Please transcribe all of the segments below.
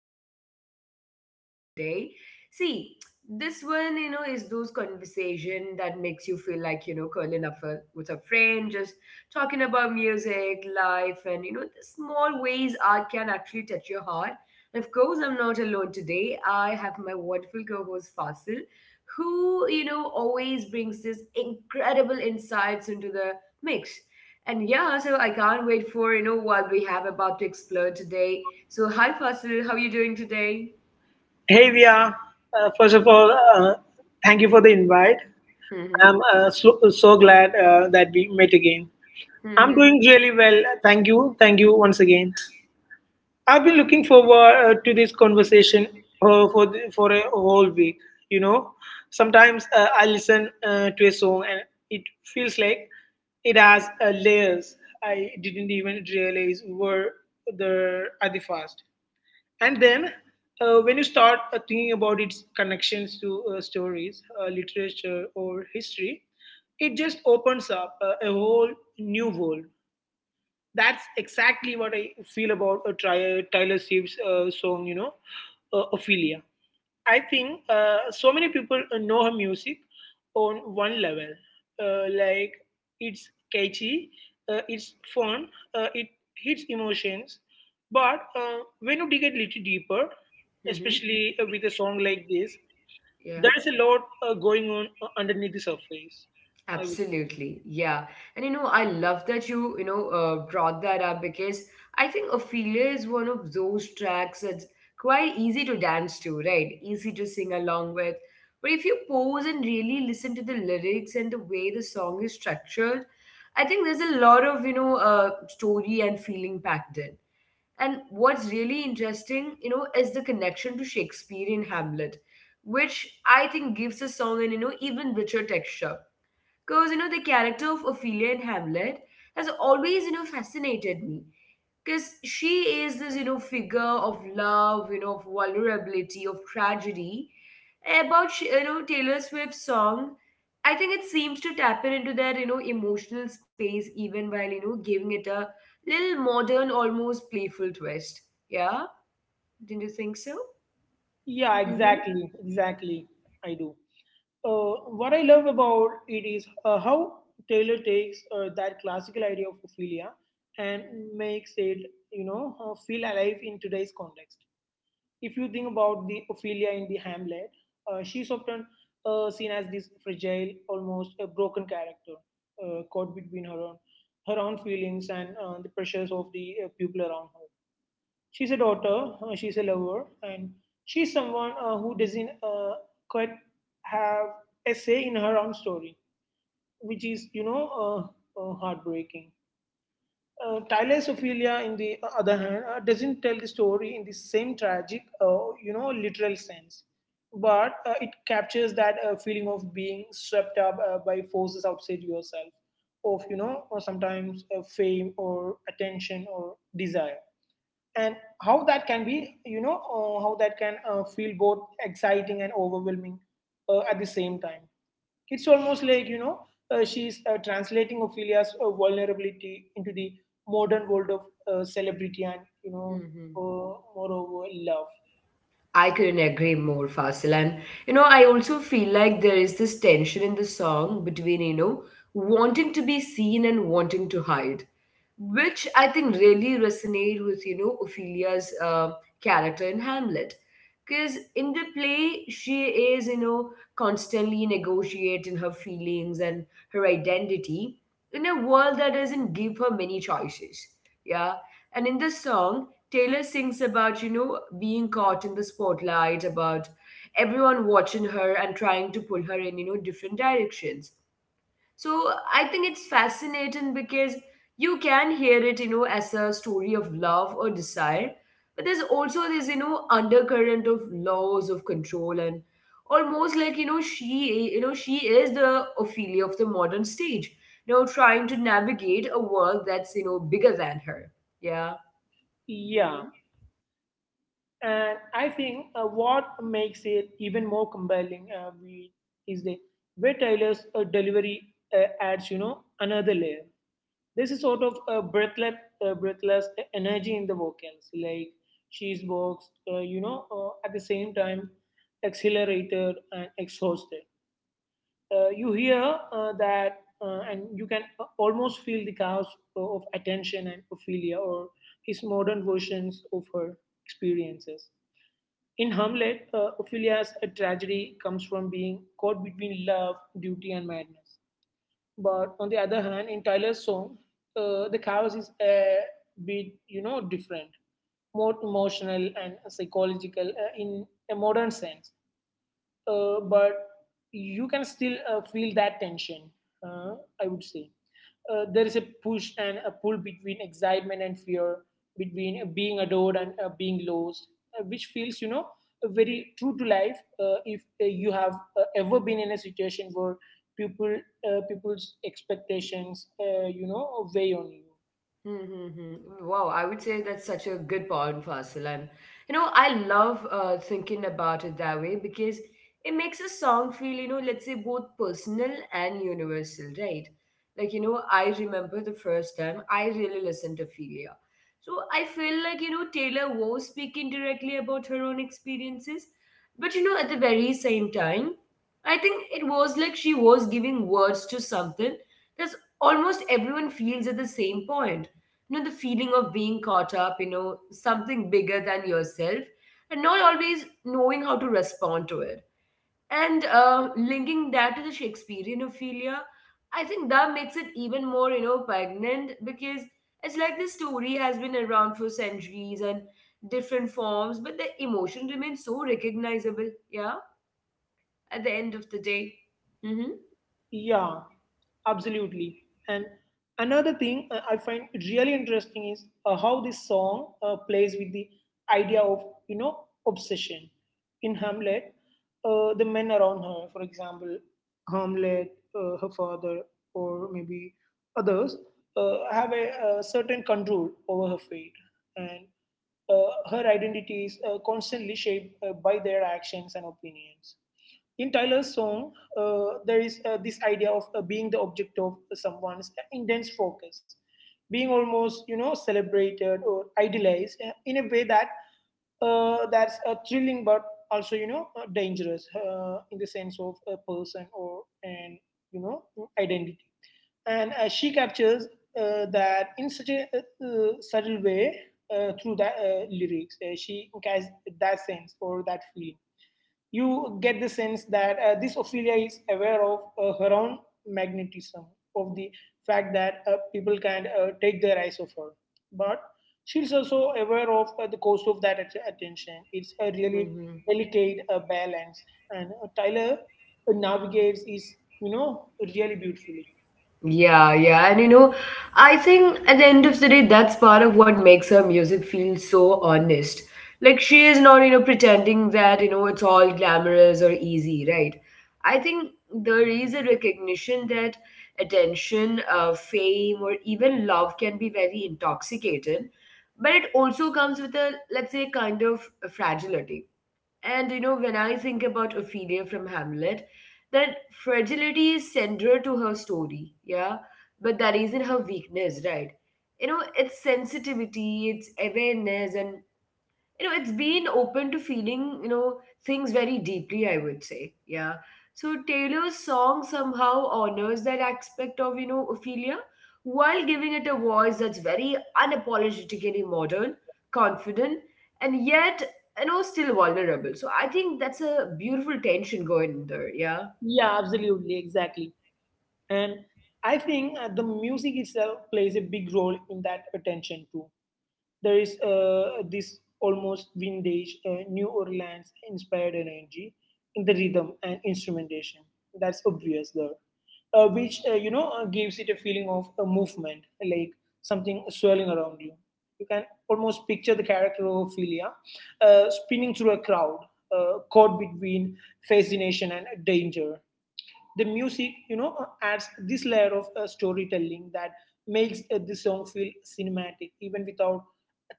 so happy to have you here today. See, this one, you know, is those conversation that makes you feel like, you know, curling up with a friend, just talking about music, life, and, you know, the small ways art can actually touch your heart. And of course, I'm not alone today. I have my wonderful co-host Fasil, who, you know, always brings this incredible insights into the mix. And yeah, so I can't wait for, you know, what we have about to explore today. So hi Fasil, how are you doing today? Hey, Via. First of all, thank you for the invite. I'm Mm-hmm. So, so glad that we met again. I'm Mm-hmm. doing really well. Thank you. Thank you once again. I've been looking forward to this conversation for for a whole week. You know, sometimes I listen to a song and it feels like it has layers I didn't even realize were there at the first. And then, when you start thinking about its connections to stories, literature, or history, it just opens up a whole new world. That's exactly what I feel about Tyler Swift's song, you know, Ophelia. I think so many people know her music on one level. Like it's catchy, it's fun, it hits emotions. But when you dig a little deeper, Mm-hmm. especially with a song like this, Yeah, there's a lot going on underneath the surface. I would say. absolutely. Yeah. And you know, I love that you know, brought that up because I think Ophelia is one of those tracks that's quite easy to dance to, right? Easy to sing along with. But if you pause and really listen to the lyrics and the way the song is structured, I think there's a lot of, you know, story and feeling packed in. And what's really interesting, you know, is the connection to Shakespeare in Hamlet, which I think gives the song an, you know, even richer texture. Because, you know, the character of Ophelia in Hamlet has always, you know, fascinated me because she is this, you know, figure of love, you know, of vulnerability, of tragedy you know, Taylor Swift's song, I think it seems to tap in into that, you know, emotional space, even while, you know, giving it a little modern, almost playful twist. Yeah, didn't you think so? Yeah, Mm-hmm. exactly, exactly. I do. What I love about it is how Taylor takes that classical idea of Ophelia and makes it, you know, feel alive in today's context. If you think about the Ophelia in the Hamlet, she's often seen as this fragile, almost a broken character, caught between her own feelings and the pressures of the people around her. She's a daughter, she's a lover, and she's someone who doesn't quite have a say in her own story, which is, you know, heartbreaking. Tyler's Ophelia, in the other hand, doesn't tell the story in the same tragic, you know, literal sense, but it captures that feeling of being swept up by forces outside yourself, of you know, or sometimes fame or attention or desire and how that can be you know how that can feel both exciting and overwhelming at the same time. It's almost like, you know, she's translating Ophelia's vulnerability into the modern world of celebrity and, you know, Mm-hmm. Moreover love. I couldn't agree more, Fasil. And you know, I also feel like there is this tension in the song between, you know, wanting to be seen and wanting to hide, which I think really resonate with, you know, Ophelia's character in Hamlet, because in the play she is, you know, constantly negotiating her feelings and her identity in a world that doesn't give her many choices. Yeah, and in the song Taylor sings about, you know, being caught in the spotlight, about everyone watching her and trying to pull her in, you know, different directions. So I think it's fascinating because you can hear it, you know, as a story of love or desire, but there's also this, you know, undercurrent of laws of control and almost like, you know, she, you know, she is the Ophelia of the modern stage, you know, trying to navigate a world that's, you know, bigger than her. Yeah. Yeah, Mm-hmm. and I think what makes it even more compelling is the way Tyler's delivery adds, you know, another layer. There's a sort of a breathless, energy in the vocals, like she's boxed, you know, at the same time exhilarated and exhausted. You hear that, and you can almost feel the chaos of attention and Ophelia, or his modern versions of her experiences. In Hamlet, Ophelia's tragedy comes from being caught between love, duty, and madness. But on the other hand, in Tyler's song, the chaos is a bit, you know, different, more emotional and psychological in a modern sense, but you can still feel that tension, uh, I would say. There is a push and a pull between excitement and fear, between being adored and being lost, which feels, you know, very true to life. If you have ever been in a situation where people, people's expectations, you know, weigh on you. Mm-hmm. Wow, I would say that's such a good point, Fasil. And you know, I love thinking about it that way because it makes a song feel, you know, let's say both personal and universal, right? Like, you know, I remember the first time I really listened to Philia. So I feel like, you know, Taylor was speaking directly about her own experiences. But, you know, at the very same time, I think it was like she was giving words to something that's almost everyone feels at the same point, you know, the feeling of being caught up, you know, something bigger than yourself and not always knowing how to respond to it. And linking that to the Shakespearean Ophelia, I think that makes it even more, you know, poignant because it's like this story has been around for centuries and different forms, but the emotion remains so recognizable. Yeah, at the end of the day. Yeah, absolutely. And another thing I find really interesting is how this song plays with the idea of, you know, obsession. In Hamlet, the men around her, for example, Hamlet, her father, or maybe others, have a, certain control over her fate. And her identity is constantly shaped by their actions and opinions in Tyler's song. There is this idea of being the object of someone's intense focus, being almost, you know, celebrated or idealized in a way that that's thrilling but also, you know, dangerous in the sense of a person or an, you know, identity. And she captures that in such a subtle way through that lyrics. She has that sense or that feeling. You get the sense that this Ophelia is aware of her own magnetism, of the fact that people can take their eyes off her. But she's also aware of the cost of that attention. It's a really Mm-hmm. delicate balance, and Tyler navigates is, you know, really beautifully. Yeah, yeah. And you know, I think at the end of the day, that's part of what makes her music feel so honest. Like, she is not, you know, pretending that, you know, it's all glamorous or easy, right? I think there is a recognition that attention, fame, or even love can be very intoxicating, but it also comes with a, let's say, kind of fragility. And you know, when I think about Ophelia from Hamlet, that fragility is central to her story, yeah? But that isn't her weakness, right? You know, it's sensitivity, it's awareness, and you know, it's been open to feeling, you know, things very deeply, I would say. Yeah. So Taylor's song somehow honors that aspect of, you know, Ophelia, while giving it a voice that's very unapologetically modern, confident, and yet, you know, still vulnerable. So I think that's a beautiful tension going there. Yeah. Yeah, absolutely, exactly, and I think the music itself plays a big role in that attention too. There is this almost vintage New Orleans inspired energy in the rhythm and instrumentation. That's obvious there, which gives it a feeling of a movement, like something swirling around you. You can almost picture the character of Ophelia spinning through a crowd, caught between fascination and danger. The music, you know, adds this layer of storytelling that makes the song feel cinematic even without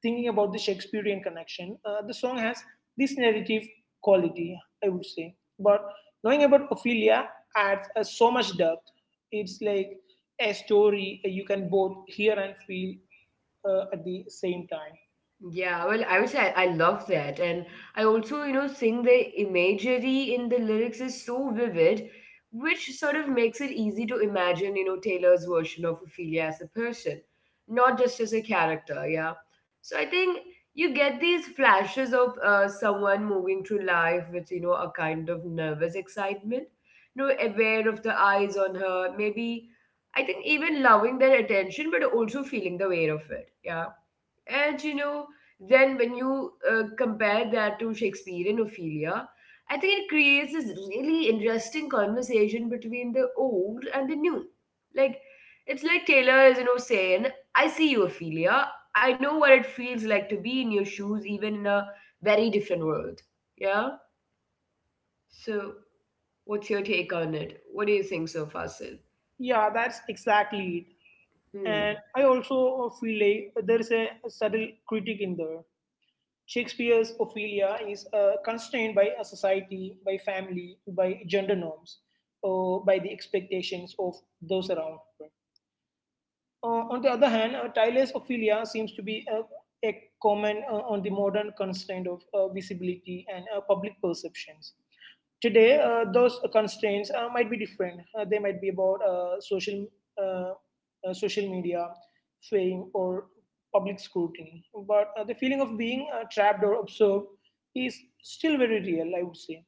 thinking about the Shakespearean connection. The song has this narrative quality, I would say, but knowing about Ophelia adds so much depth. It's like a story you can both hear and feel at the same time. Yeah, well, I would say I love that. And I also, you know, think the imagery in the lyrics is so vivid, which sort of makes it easy to imagine, you know, Taylor's version of Ophelia as a person, not just as a character. Yeah. So I think you get these flashes of someone moving through life with, you know, a kind of nervous excitement, you know, aware of the eyes on her, maybe, I think even loving their attention, but also feeling the weight of it. Yeah. And you know, then when you compare that to Shakespearean Ophelia, I think it creates this really interesting conversation between the old and the new. Like, it's like Taylor is, you know, saying, I see you, Ophelia. I know what it feels like to be in your shoes, even in a very different world. Yeah? So, what's your take on it? What do you think so far, Sil? Yeah, that's exactly it, Hmm. and I also feel like there is a subtle critique in there. Shakespeare's Ophelia is constrained by a society, by family, by gender norms, or by the expectations of those around her. On the other hand, Tyler's Ophelia seems to be a comment on the modern constraint of visibility and public perceptions. Today, those constraints might be different. They might be about uh, social media, fame, or public scrutiny. But the feeling of being trapped or observed is still very real, I would say.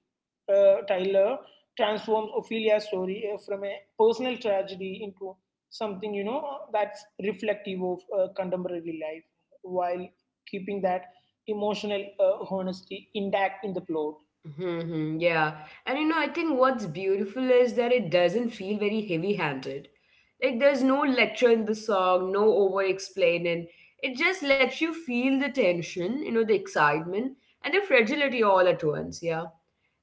Tyler transforms Ophelia's story from a personal tragedy into something, you know, that's reflective of contemporary life while keeping that emotional honesty intact in the plot. Mm-hmm, yeah. And you know, I think what's beautiful is that it doesn't feel very heavy-handed. Like there's no lecture in the song, no over-explaining. It just lets you feel the tension, you know, the excitement and the fragility all at once, yeah.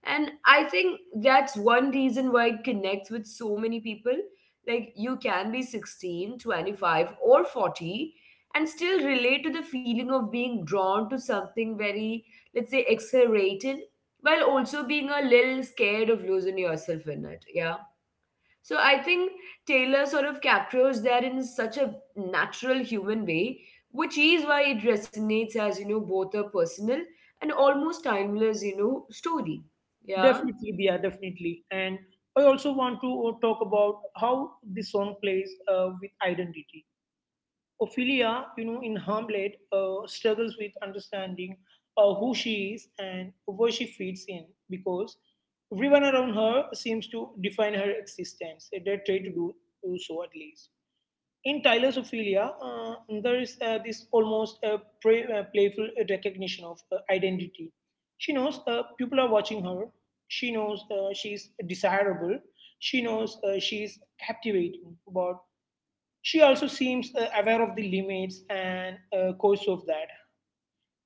And I think that's one reason why it connects with so many people. Like, you can be 16, 25, or 40 and still relate to the feeling of being drawn to something very, let's say, exhilarating, while also being a little scared of losing yourself in it. Yeah. So I think Taylor sort of captures that in such a natural human way, which is why it resonates as, you know, both a personal and almost timeless, you know, story. Yeah. Definitely, yeah, definitely. And I also want to talk about how the song plays with identity. Ophelia, you know, in Hamlet, struggles with understanding who she is and where she fits in because everyone around her seems to define her existence. They try to do, do so at least. In thalassophilia, there is this almost playful recognition of identity. She knows people are watching her. She knows she's desirable. She knows she's captivating. But she also seems aware of the limits and cause of that.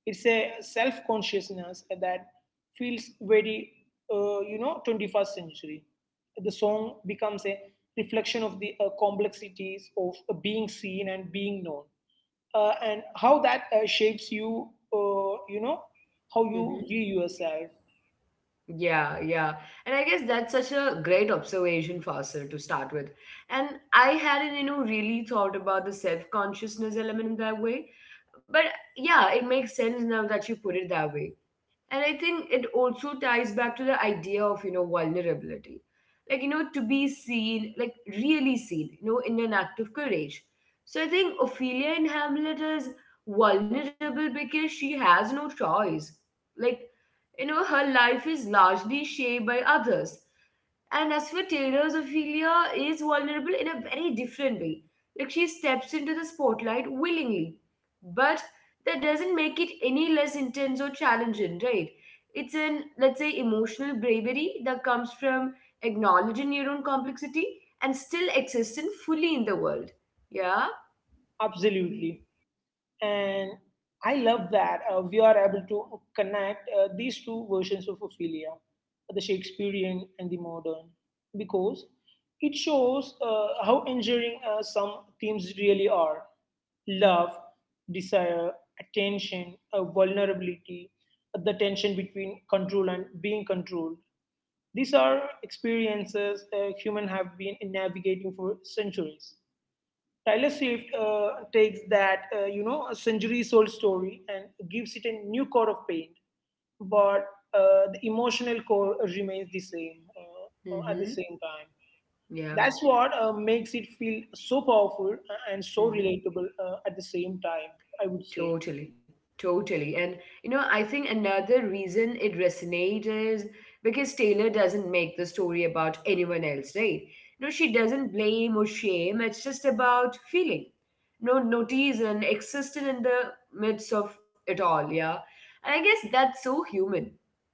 It's a self consciousness that feels very, you know, 21st century. The song becomes a reflection of the complexities of being seen and being known, and how that shapes you, you know, how you Mm-hmm. view yourself. Yeah, yeah. And I guess that's such a great observation, Fasil, to start with. And I hadn't, you know, really thought about the self-consciousness element in that way. But yeah, it makes sense now that you put it that way. And I think it also ties back to the idea of, you know, vulnerability. Like, you know, to be seen, like really seen, you know, in an act of courage. So I think Ophelia in Hamlet is vulnerable because she has no choice. Like, you know, her life is largely shaped by others, and as for Taylor's Ophelia is vulnerable in a very different way. Like she steps into the spotlight willingly, but that doesn't make it any less intense or challenging, right? It's an, let's say, emotional bravery that comes from acknowledging your own complexity and still existing fully in the world. Yeah. Absolutely. And I love that we are able to connect these two versions of Ophelia, the Shakespearean and the modern, because it shows how enduring some themes really are: love, desire, attention, vulnerability, the tension between control and being controlled. These are experiences humans have been navigating for centuries. Taylor Swift takes that, you know, a centuries old story and gives it a new coat of paint. But the emotional core remains the same at the same Mm-hmm. time. Yeah. That's what makes it feel so powerful and so Mm-hmm. relatable at the same time, I would say. Totally, totally. And you know, I think another reason it resonates is because Taylor doesn't make the story about anyone else, right? No, she doesn't blame or shame. It's just about feeling. No notice and existing in the midst of it all, yeah. And I guess that's so human.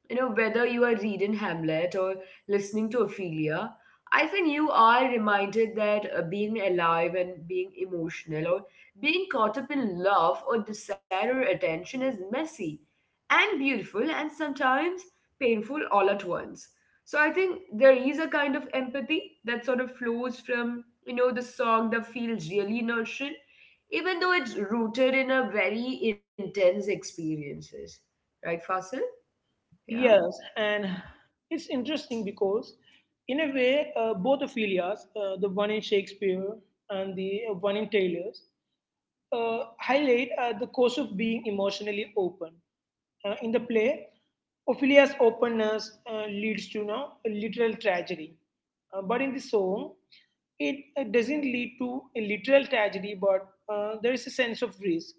You know, whether you are reading Hamlet or listening to Ophelia, I think you are reminded that being alive and being emotional, being caught up in love or desire or attention is messy and beautiful and sometimes painful all at once. So I think there is a kind of empathy that sort of flows from, you know, the song that feels really nurturing, even though it's rooted in a very intense experiences. Right, Fasil? Yeah. Yes, and it's interesting because, in a way, both Ophelias, the one in Shakespeare and the one in Taylor's, highlight the cost of being emotionally open. In the play, Ophelia's openness leads to no, a literal tragedy. But in the song, it doesn't lead to a literal tragedy, but there is a sense of risk,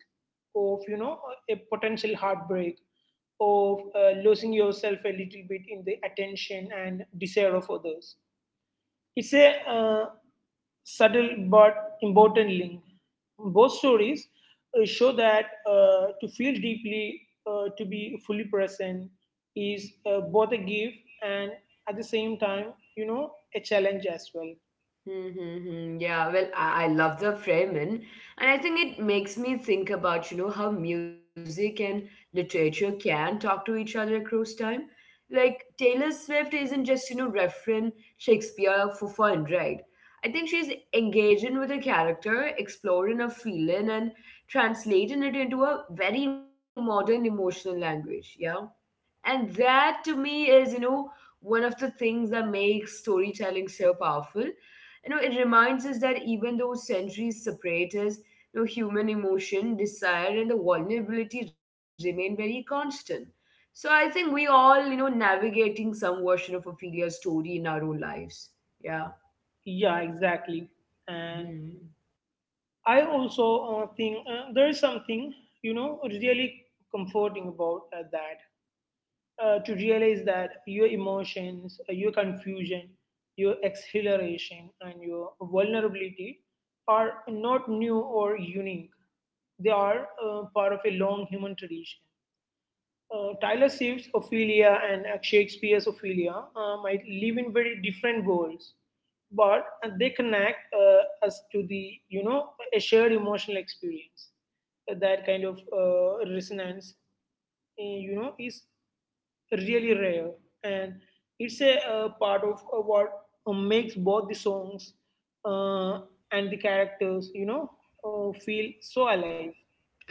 of, you know, a potential heartbreak, of losing yourself a little bit in the attention and desire of others. It's a subtle but important link. Both stories show that to feel deeply, to be fully present, is both a gift and at the same time, you know, a challenge as well. Mm-hmm. Mm-hmm. Yeah, well, I love the framing, and I think it makes me think about, you know, how music and literature can talk to each other across time. Like Taylor Swift isn't just, you know, referring Shakespeare for fun, right? I think she's engaging with a character, exploring a feeling, and translating it into a very modern emotional language. Yeah. And that to me is, you know, one of the things that makes storytelling so powerful. You know, it reminds us that even though centuries separate us, you know, human emotion, desire, and the vulnerability remain very constant. So I think we all, you know, navigating some version of Ophelia story in our own lives. Yeah, exactly. And Yeah. I also think there is something, you know, really comforting about that. To realize that your emotions, your confusion, your exhilaration, and your vulnerability are not new or unique. They are part of a long human tradition. Tyler Swift's Ophelia and Shakespeare's Ophelia might live in very different worlds, but they connect us to the, you know, a shared emotional experience. That kind of resonance, you know, is really rare, and it's a part of what makes both the songs uh, and the characters, you know, feel so alive.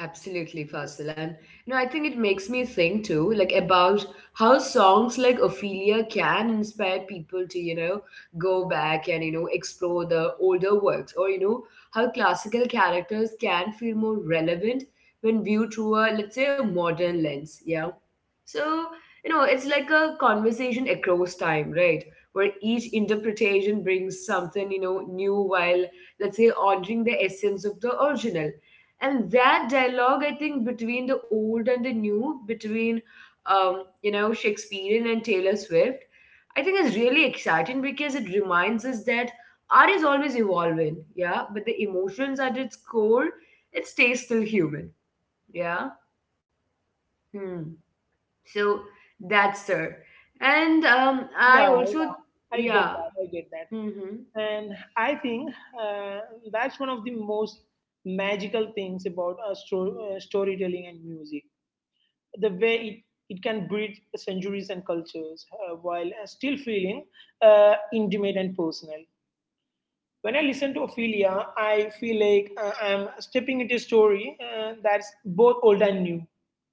Absolutely, Fasil. And you know, I think it makes me think too, like about how songs like Ophelia can inspire people to, you know, go back and, you know, explore the older works, or, you know, how classical characters can feel more relevant when viewed through a, let's say, a modern lens. Yeah. So, you know, it's like a conversation across time, right? Where each interpretation brings something, new while, let's say, honoring the essence of the original. And that dialogue, I think, between the old and the new, between Shakespearean and Taylor Swift, I think is really exciting because it reminds us that art is always evolving. Yeah. But the emotions at its core, it stays still human. Yeah. Hmm. So that's her. And Yeah, I also. yeah, I get Yeah. that. I get that. Hmm. And I think uh, that's one of the most magical things about storytelling and music. The way it can bridge centuries and cultures while still feeling intimate and personal. When I listen to Ophelia, I feel like I'm stepping into a story that's both old and new.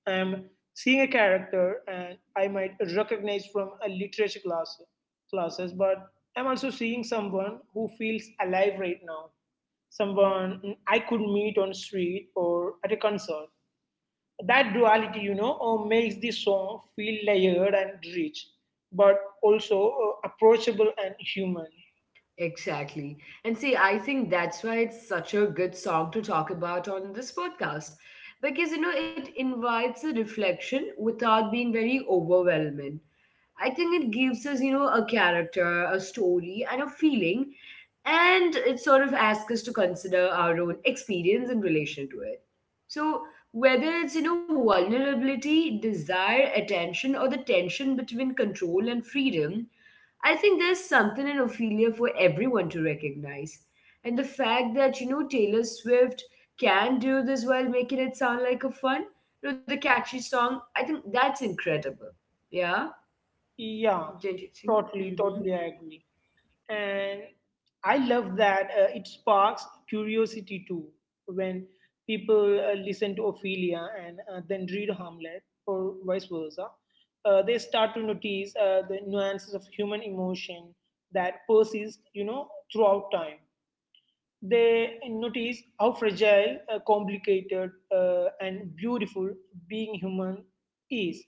I'm seeing a character and I might recognize from a literature class, classes, but I'm also seeing someone who feels alive right now, someone I could meet on street or at a concert. That duality, you know, makes the song feel layered and rich, but also approachable and human. Exactly. And see, I think that's why it's such a good song to talk about on this podcast. Because, it invites a reflection without being very overwhelming. I think it gives us, a character, a story, and a feeling. And it sort of asks us to consider our own experience in relation to it. So, whether it's, vulnerability, desire, attention, or the tension between control and freedom, I think there's something in Ophelia for everyone to recognize. And the fact that, Taylor Swift can do this while making it sound like a fun, the catchy song, I think that's incredible. Yeah, Yeah, don't you think? totally, Mm-hmm. totally, I agree. And I love that it sparks curiosity too when people listen to Ophelia and then read Hamlet or vice versa. They start to notice the nuances of human emotion that persist, you know, throughout time. They notice how fragile, complicated, and beautiful being human is.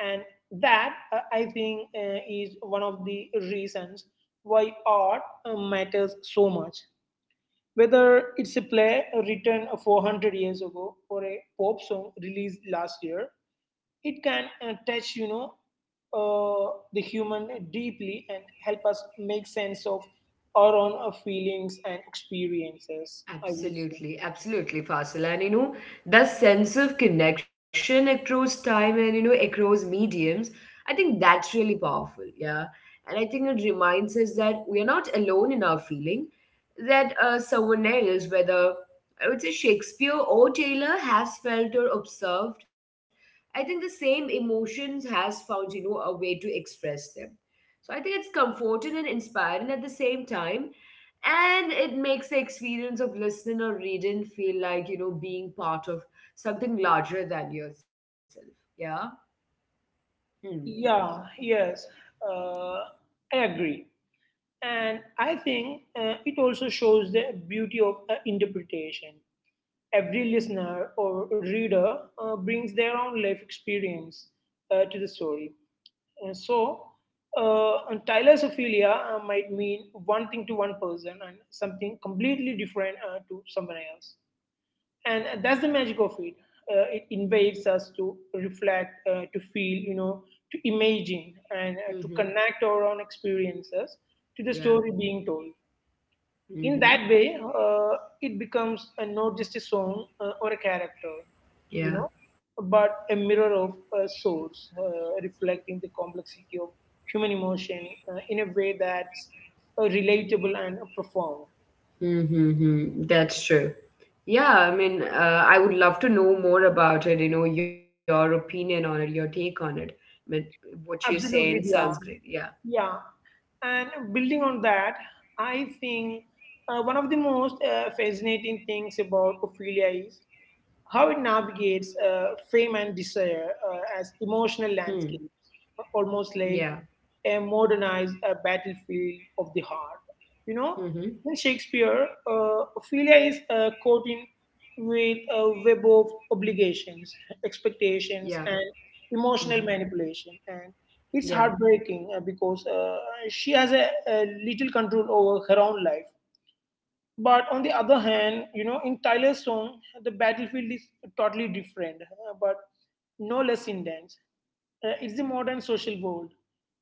And that, I think, is one of the reasons why art matters so much. Whether it's a play written 400 years ago or a pop song released last year, it can touch, you know, the human deeply and help us make sense of our own feelings and experiences. I would say, Absolutely, absolutely, Fasil. And the sense of connection across time and across mediums, I think that's really powerful. Yeah. And I think it reminds us that we are not alone in our feeling, that someone else, whether I would say Shakespeare or Taylor, has felt or observed, I think the same emotions has found, a way to express them, so I think it's comforting and inspiring at the same time. And it makes the experience of listening or reading feel like, being part of something larger than yourself. Yeah. Hmm. yeah, yes, uh, I agree, and I think it also shows the beauty of interpretation. Every listener or reader brings their own life experience to the story. So, and thalassophilia might mean one thing to one person and something completely different to someone else. And that's the magic of it. It invites us to reflect, to feel, you know, to imagine and to Mm-hmm. connect our own experiences to the Yeah. story being told. In that Mm-hmm. way it becomes a, not just a song or a character, you Yeah. know, but a mirror of a source reflecting the complexity of human emotion in a way that's relatable and profound. Mm-hmm. That's true. Yeah. I mean, I would love to know more about it, your opinion on it, your take on it. I mean, what you're saying Absolutely, sounds yeah, great. Yeah. yeah. And building on that, I think one of the most fascinating things about Ophelia is how it navigates fame and desire as Hmm. emotional landscapes, Yeah. almost like a modernized battlefield of the heart. You know, Mm-hmm. in Shakespeare, Ophelia is caught in with a web of obligations, Yeah. expectations, and Mm-hmm. emotional manipulation. And Yeah. it's heartbreaking because she has a little control over her own life, but on the other hand, you know, in Tyler's song, the battlefield is totally different, but no less intense. It's the modern social world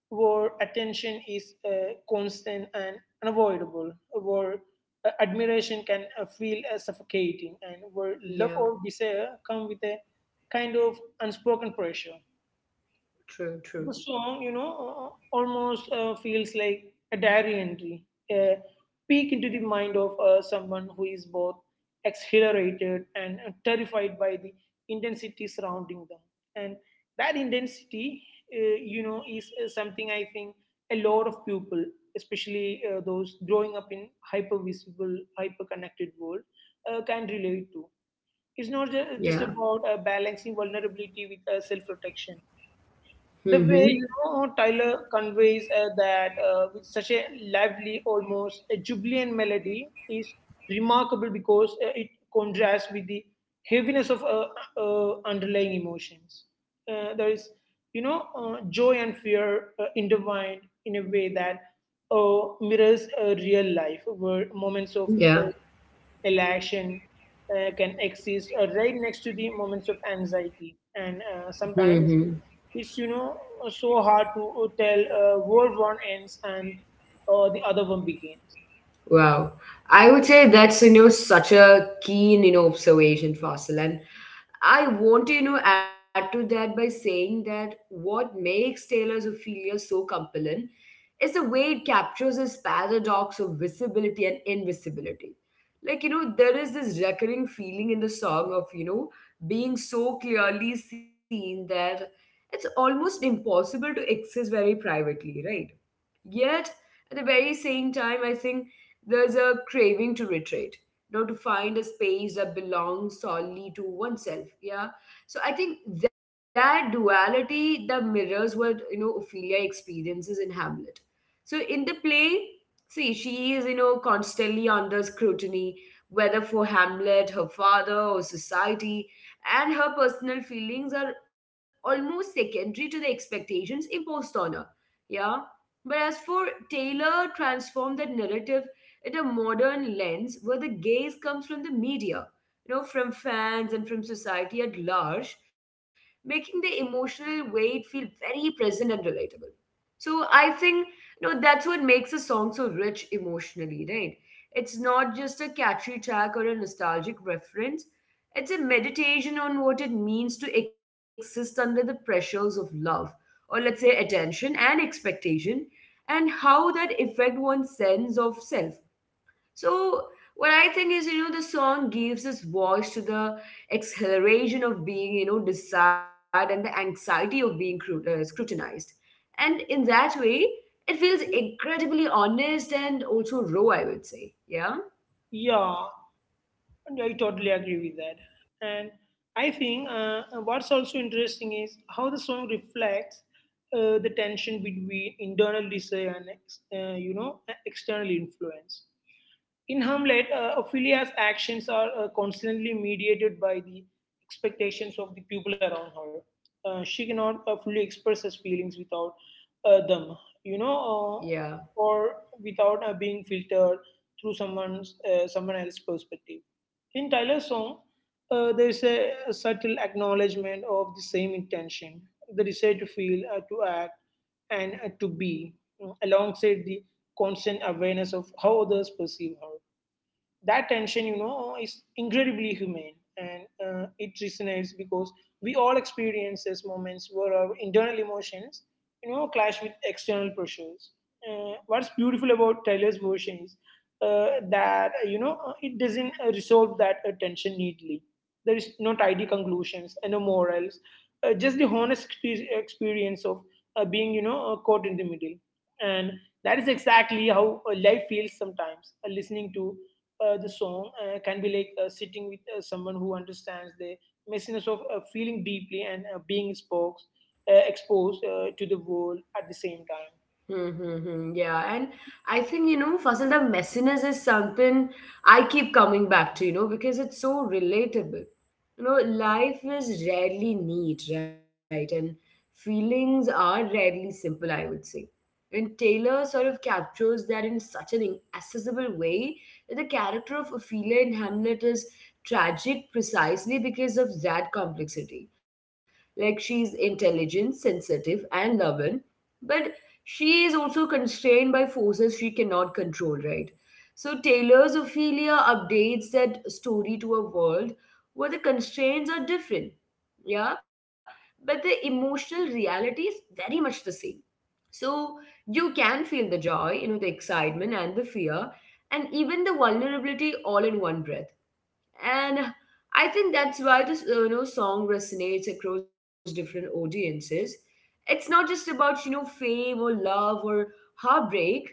where attention is constant and unavoidable, where admiration can feel suffocating, and where love Yeah. or desire come with a kind of unspoken pressure. True, true. The song, almost feels like a diary entry, a peek into the mind of someone who is both exhilarated and terrified by the intensity surrounding them. And that intensity, you know, is something I think a lot of people, especially those growing up in hyper visible, hyper connected world, can relate to. It's not just Yeah. about balancing vulnerability with self protection. Mm-hmm. The way, you know, Tyler conveys that with such a lively, almost a jubilant melody is remarkable because it contrasts with the heaviness of underlying emotions. There is, you know, joy and fear intertwined in a way that mirrors real life, where moments of Yeah. Elation can exist right next to the moments of anxiety, and Mm-hmm. sometimes it's, you know, so hard to tell where one ends and the other one begins. Wow. I would say that's, such a keen, observation, Faisal. And I want to, add to that by saying that what makes Taylor's Ophelia so compelling is the way it captures this paradox of visibility and invisibility. Like, there is this recurring feeling in the song of, being so clearly seen that it's almost impossible to exist very privately, right? Yet, at the very same time, I think there's a craving to retreat, to find a space that belongs solely to oneself. Yeah. So I think that duality that mirrors what, Ophelia experiences in Hamlet. So in the play, see, she is, constantly under scrutiny, whether for Hamlet, her father, or society, and her personal feelings are almost secondary to the expectations imposed on her. Yeah. But as for Taylor, transformed that narrative at a modern lens where the gaze comes from the media, from fans and from society at large, making the emotional weight feel very present and relatable. So I think that's what makes a song so rich emotionally, right? It's not just a catchy track or a nostalgic reference. It's a meditation on what it means to exist under the pressures of love, or let's say attention and expectation, and how that affect one's sense of self. So what I think is, the song gives us voice to the acceleration of being, desired and the anxiety of being scrutinized, and in that way it feels incredibly honest and also raw, I would say. Yeah. Yeah, I totally agree with that. And I think what's also interesting is how the song reflects the tension between internal desire and you know, external influence. In Hamlet, Ophelia's actions are constantly mediated by the expectations of the people around her. She cannot fully express her feelings without them, you know, Yeah. or without being filtered through someone else's perspective. In Tyler's song, there is a subtle acknowledgement of the same intention, the desire to feel, to act, and to be, alongside the constant awareness of how others perceive her. That tension, you know, is incredibly humane and it resonates because we all experience these moments where our internal emotions, you know, clash with external pressures. What's beautiful about Taylor's version is that, you know, it doesn't resolve that tension neatly. There is no tidy conclusions and no morals, just the honest experience of being, you know, caught in the middle. And that is exactly how life feels sometimes. Listening to the song can be like sitting with someone who understands the messiness of feeling deeply and being exposed, exposed to the world at the same time. Hmm. Hmm hmm. Yeah, and I think, Fasil, the messiness is something I keep coming back to, because it's so relatable. Life is rarely neat, right? And feelings are rarely simple, I would say when Taylor sort of captures that in such an accessible way that the character of Ophelia in Hamlet is tragic precisely because of that complexity. Like she's intelligent, sensitive, and loving, but she is also constrained by forces she cannot control, right? So Taylor's Ophelia updates that story to a world where the constraints are different. Yeah, but the emotional reality is very much the same, so you can feel the joy, the excitement and the fear, and even the vulnerability all in one breath. And I think that's why this song resonates across different audiences. It's not just about fame or love or heartbreak.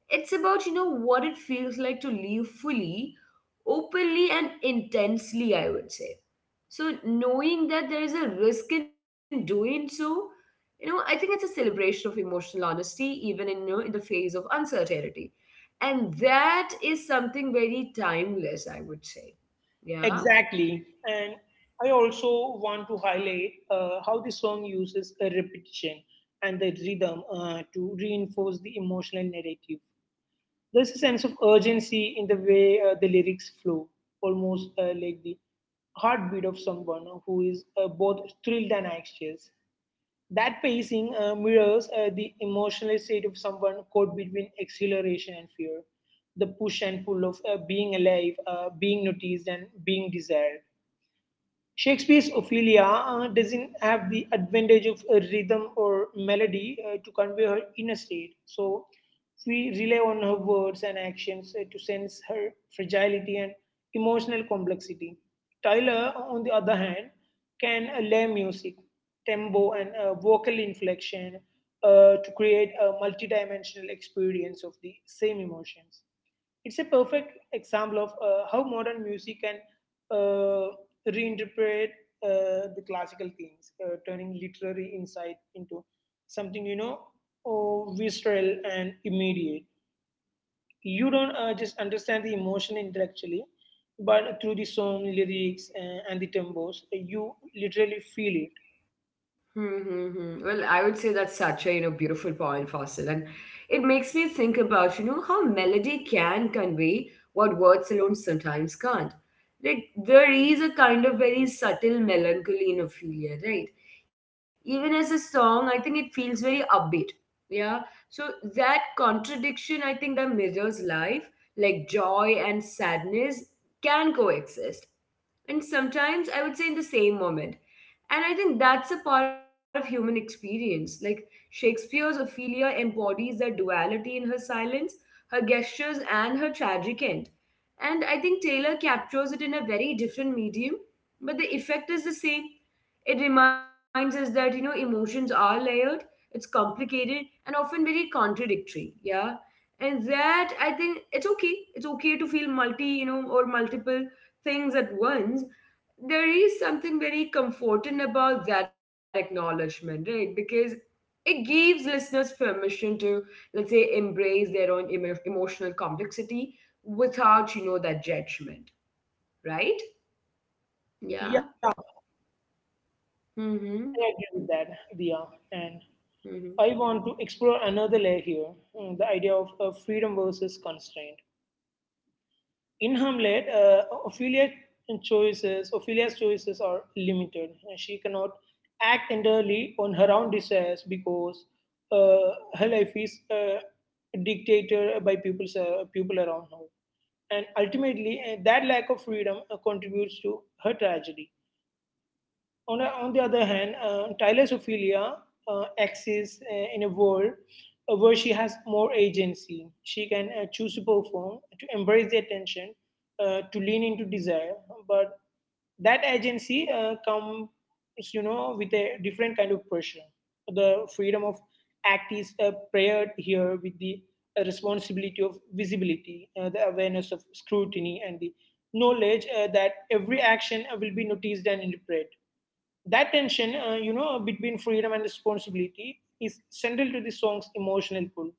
It's about, what it feels like to live fully, openly, and intensely, I would say. So, knowing that there is a risk in doing so, I think it's a celebration of emotional honesty, even in, in the face of uncertainty. And that is something very timeless, I would say. Yeah. Exactly. And I also want to highlight how the song uses a repetition and the rhythm to reinforce the emotional narrative. There's a sense of urgency in the way the lyrics flow, almost like the heartbeat of someone who is both thrilled and anxious. That pacing mirrors the emotional state of someone caught between exhilaration and fear, the push and pull of being alive, being noticed, and being desired. Shakespeare's Ophelia doesn't have the advantage of a rhythm or melody to convey her inner state, so we rely on her words and actions to sense her fragility and emotional complexity. Tyler, on the other hand, can lay music, tempo, and vocal inflection to create a multidimensional experience of the same emotions. It's a perfect example of how modern music can uh, reinterpret the classical themes, turning literary insight into something, you know, oh, visceral and immediate. You don't just understand the emotion intellectually, but through the song lyrics and the tempos, you literally feel it. Mm-hmm. Well, I would say that's such a, beautiful point, Fossil. And it makes me think about, how melody can convey what words alone sometimes can't. Like, there is a kind of very subtle melancholy in Ophelia, right? Even as a song, I think it feels very upbeat. Yeah. So that contradiction, I think, that mirrors life, like joy and sadness can coexist. And sometimes I would say in the same moment. And I think that's a part of human experience. Like Shakespeare's Ophelia embodies that duality in her silence, her gestures, and her tragic end. And I think Taylor captures it in a very different medium, but the effect is the same. It reminds us that, emotions are layered, it's complicated, and often very contradictory. Yeah. And that I think it's okay. It's okay to feel multi, or multiple things at once. There is something very comforting about that acknowledgement, right? Because it gives listeners permission to, let's say, embrace their own emotional complexity without, that judgment, right? Yeah. Yeah, I Mm-hmm. agree with that, Dia. And I want to explore another layer here, the idea of freedom versus constraint. In Hamlet, Ophelia's choices are limited. She cannot act entirely on her own desires because her life is dictated by people around her, and ultimately that lack of freedom contributes to her tragedy. On the other hand, Thalassophilia exists in a world where she has more agency. She can choose to perform, to embrace the attention, to lean into desire. But that agency comes, you know, with a different kind of pressure. The freedom of act is paired here with the responsibility of visibility, the awareness of scrutiny, and the knowledge that every action will be noticed and interpreted. That tension, you know, between freedom and responsibility is central to the song's emotional pull.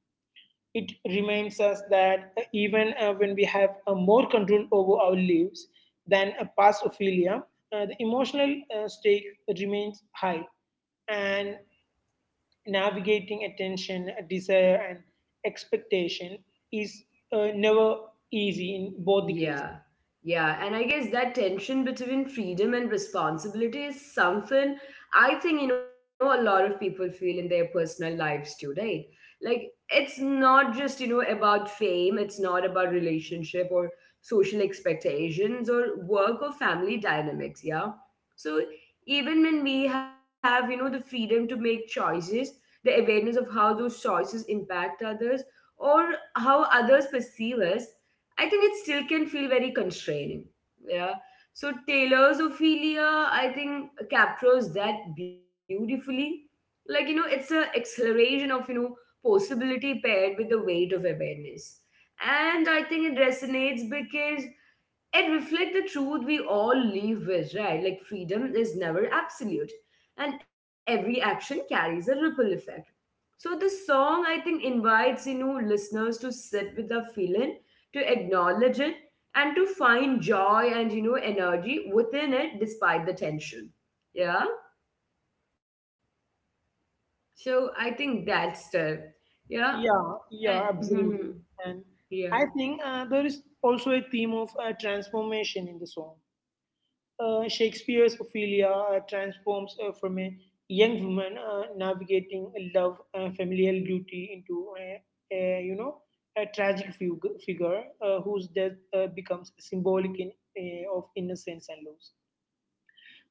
It reminds us that even when we have more control over our lives than a past Ophelia, the emotional stake remains high. And navigating attention, desire, and expectation is never easy in both the cases. Yeah, yeah, and I guess that tension between freedom and responsibility is something I think a lot of people feel in their personal lives too, right? Like it's not just about fame, it's not about relationship or social expectations or work or family dynamics, yeah. So even when we have the freedom to make choices, the awareness of how those choices impact others or how others perceive us, I think it still can feel very constraining. Yeah. So Taylor's Ophelia, I think, captures that beautifully. Like, it's a acceleration of, possibility paired with the weight of awareness. And I think it resonates because it reflects the truth we all live with, right? Like freedom is never absolute. And every action carries a ripple effect. So the song, I think, invites listeners to sit with the feeling, to acknowledge it, and to find joy and energy within it despite the tension. Yeah. So I think that's the yeah. Yeah, yeah, And, absolutely. And yeah. I think there is also a theme of transformation in the song. Shakespeare's Ophelia transforms from a young woman navigating a love, familial duty into a you know a figure whose death becomes symbolic in, of innocence and loss.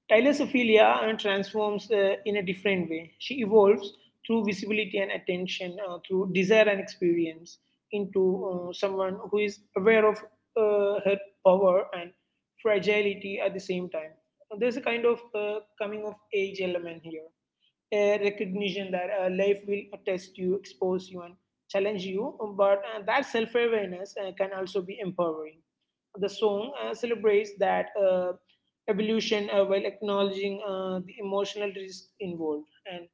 Tyler's Ophelia transforms in a different way. She evolves through visibility and attention, through desire and experience, into someone who is aware of her power and fragility at the same time. There's a kind of coming of age element here, a recognition that life will test you, expose you, and challenge you, but that self awareness can also be empowering. The song celebrates that evolution while acknowledging the emotional risk involved, and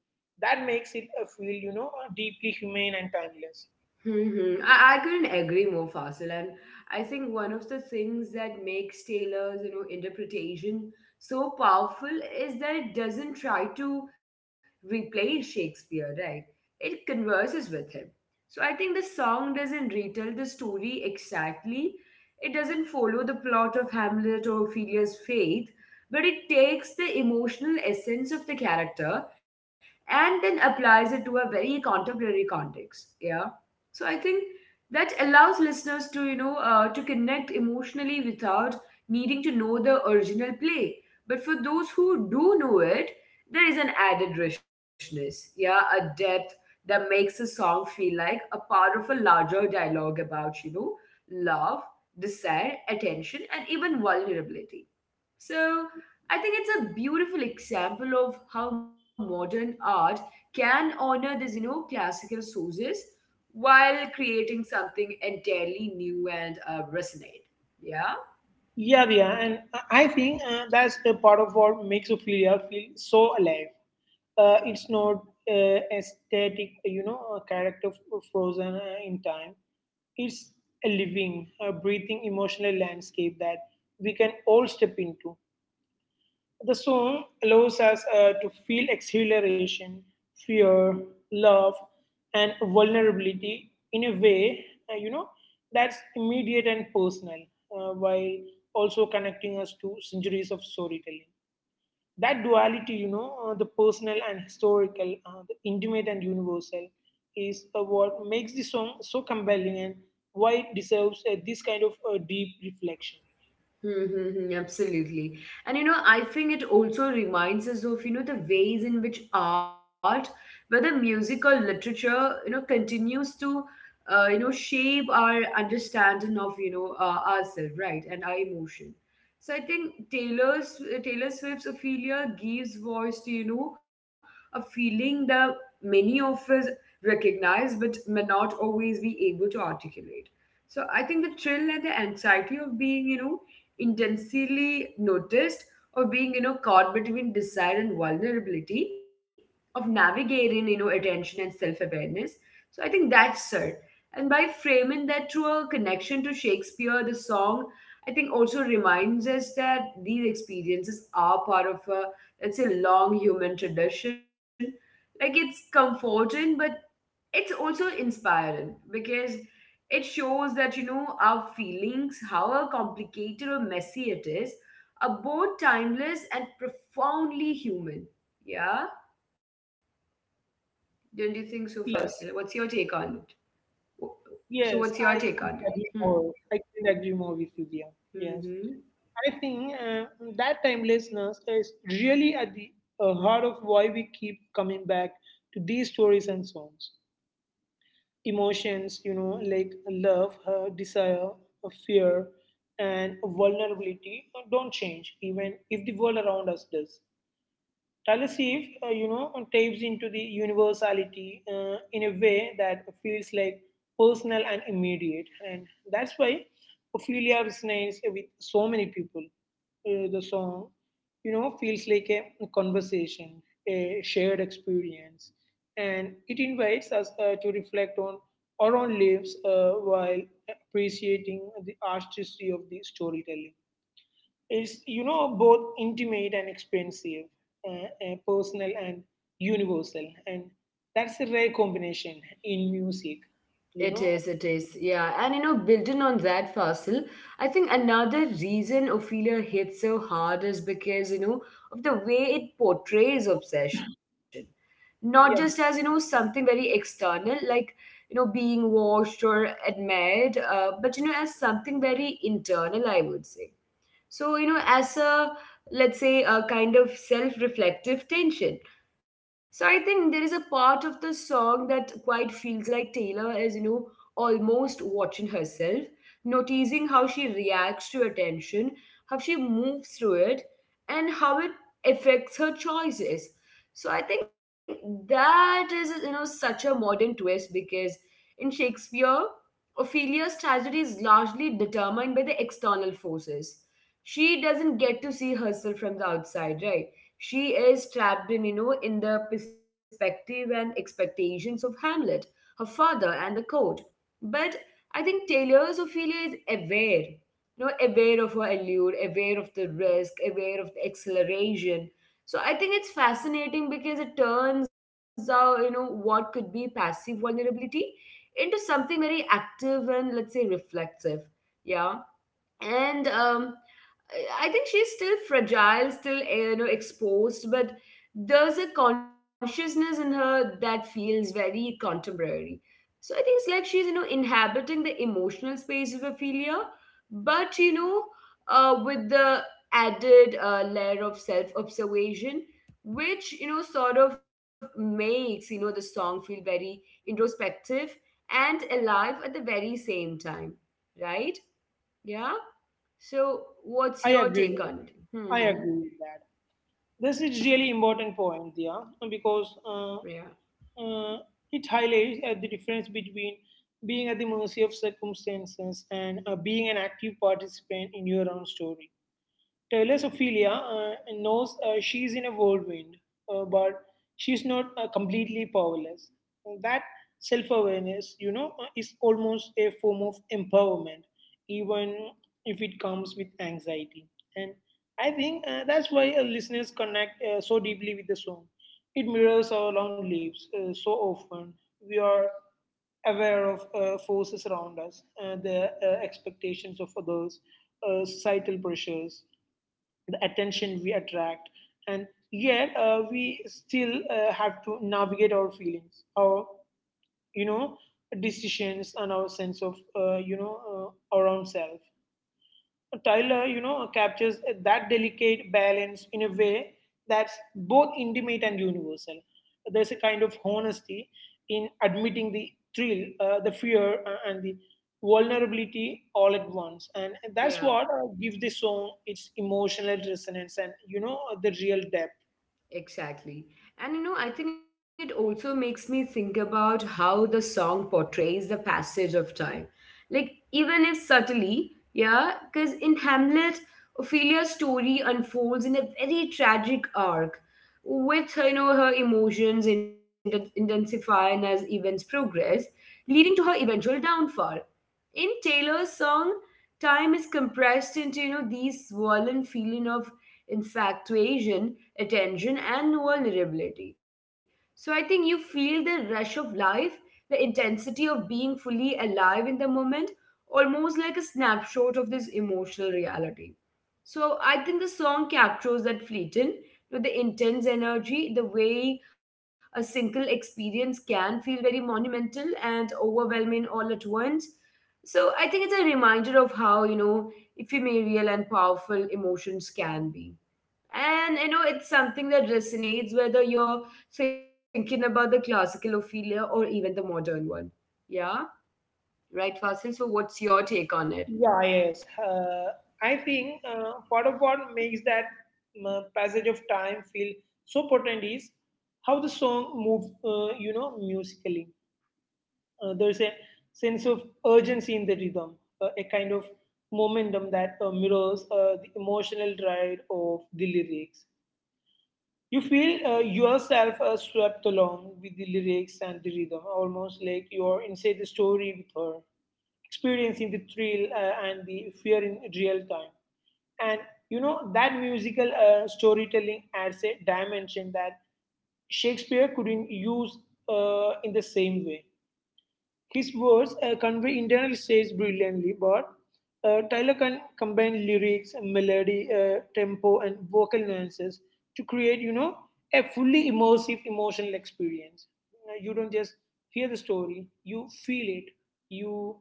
that makes it a feel, you know, deeply humane and timeless. Mm-hmm. I couldn't agree more, Fasil. And I think one of the things that makes Taylor's, interpretation so powerful is that it doesn't try to replace Shakespeare, right? It converses with him. So I think the song doesn't retell the story exactly. It doesn't follow the plot of Hamlet or Ophelia's Faith, but it takes the emotional essence of the character and then applies it to a very contemporary context. Yeah, so I think that allows listeners to, to connect emotionally without needing to know the original play. But for those who do know it, there is an added richness, yeah, a depth that makes a song feel like a part of a larger dialogue about, love, desire, attention, and even vulnerability, so I think it's a beautiful example of how modern art can honor these, classical sources while creating something entirely new and resonate. Yeah. Yeah, yeah, and I think that's a part of what makes Ophelia feel so alive. It's not a static, you know, a character frozen in time. It's a living, a breathing emotional landscape that we can all step into. The song allows us to feel exhilaration, fear, love, and vulnerability in a way, you know, that's immediate and personal, while also connecting us to centuries of storytelling. That duality, you know, the personal and historical, the intimate and universal, is what makes the song so compelling and why it deserves this kind of deep reflection. Mm-hmm, absolutely. And I think it also reminds us of, the ways in which art, whether music or literature, continues to, shape our understanding of, ourselves, right, and our emotion. So I think Taylor Swift's Ophelia gives voice to, a feeling that many of us recognize but may not always be able to articulate. So I think the thrill and the anxiety of being, intensely noticed, of being caught between desire and vulnerability, of navigating attention and self-awareness, so I think that's it. And by framing that through a connection to Shakespeare, the song, I think, also reminds us that these experiences are part of a, let's say, long human tradition. Like it's comforting, but it's also inspiring because it shows that our feelings, however complicated or messy it is, are both timeless and profoundly human. Yeah. Don't you think so, Fasil? What's your take on it? So what's Yes, your I take on it? couldn't agree Hmm. more. I couldn't agree more with you, Dia. Yes, Mm-hmm. I think that timelessness is really at the heart of why we keep coming back to these stories and songs. Emotions, you know, like love, desire, fear, and vulnerability don't change, even if the world around us does. Talasiv, you know, taps into the universality in a way that feels like personal and immediate. And that's why Ophelia resonates with so many people. The song, you know, feels like a conversation, a shared experience. And it invites us to reflect on our own lives while appreciating the artistry of the storytelling. It's, you know, both intimate and expensive, personal and universal, and that's a rare combination in music. You It know, is, it is. Yeah. And you know, building on that, Fasil, I think another reason Ophelia hits so hard is because, you know, of the way it portrays obsession. Not just as, you yeah, know, something very external, like, you know, being watched or admired, but, you know, as something very internal, I would say, so you know, as a, let's say, a kind of self-reflective tension. So I think there is a part of the song that quite feels like Taylor is, you know, almost watching herself, noticing how she reacts to attention, how she moves through it, and how it affects her choices. So I think that is, you know, such a modern twist, because in Shakespeare, Ophelia's tragedy is largely determined by the external forces. She doesn't get to see herself from the outside, right? She is trapped in, you know, in the perspective and expectations of Hamlet, her father, and the court. But I think Taylor's Ophelia is aware, you know, aware of her allure, aware of the risk, aware of the acceleration. So I think it's fascinating because it turns out, you know, what could be passive vulnerability into something very active and, let's say, reflective. Yeah. And I think she's still fragile, still you know, exposed, but there's a consciousness in her that feels very contemporary. So I think it's like she's, you know, inhabiting the emotional space of Ophelia, but you know, with the added layer of self observation, which, you know, sort of makes, you know, the song feel very introspective and alive at the very same time, right? Yeah. So, what's I your agree. take on it? I Hmm. agree with that. This is really important point there because Yeah, uh, it highlights the difference between being at the mercy of circumstances and being an active participant in your own story. Telesophilia knows she is in a whirlwind, but she's not completely powerless. That self awareness, you know, is almost a form of empowerment, even if it comes with anxiety. And I think that's why listeners connect so deeply with the song. It mirrors our long lives so often. We are aware of forces around us, the expectations of others, societal pressures, the attention we attract, and yet we still have to navigate our feelings, our, you know, decisions, and our sense of, you know, our own self. Tyler, you know, captures that delicate balance in a way that's both intimate and universal. There's a kind of honesty in admitting the thrill, the fear, and the vulnerability all at once, and that's yeah, what gives the song its emotional resonance and, you know, the real depth. exactly. And you know, I think it also makes me think about how the song portrays the passage of time. Like, even if subtly, yeah, because in Hamlet, Ophelia's story unfolds in a very tragic arc, with her, you know, her emotions intensifying as events progress, leading to her eventual downfall. In Taylor's song, time is compressed into, you know, these swollen feeling of infatuation, attention, and vulnerability. So I think you feel the rush of life, the intensity of being fully alive in the moment, almost like a snapshot of this emotional reality. So I think the song captures that fleeting, you know, the intense energy, the way a single experience can feel very monumental and overwhelming all at once. So I think it's a reminder of how, you know, ephemeral and powerful emotions can be. And, you know, it's something that resonates whether you're thinking about the classical Ophelia or even the modern one. Yeah? Right, Fasil? So what's your take on it? Yeah, yes. I think part of what makes that passage of time feel so potent is how the song moves, you know, musically. There's a sense of urgency in the rhythm, a kind of momentum that mirrors the emotional ride of the lyrics. You feel yourself swept along with the lyrics and the rhythm, almost like you are inside the story with her, experiencing the thrill and the fear in real time. And, you know, that musical storytelling adds a dimension that Shakespeare couldn't use in the same way. His words convey internal states brilliantly, but Tyler can combine lyrics, melody, tempo, and vocal nuances to create, you know, a fully immersive emotional experience. You don't just hear the story; you feel it. You,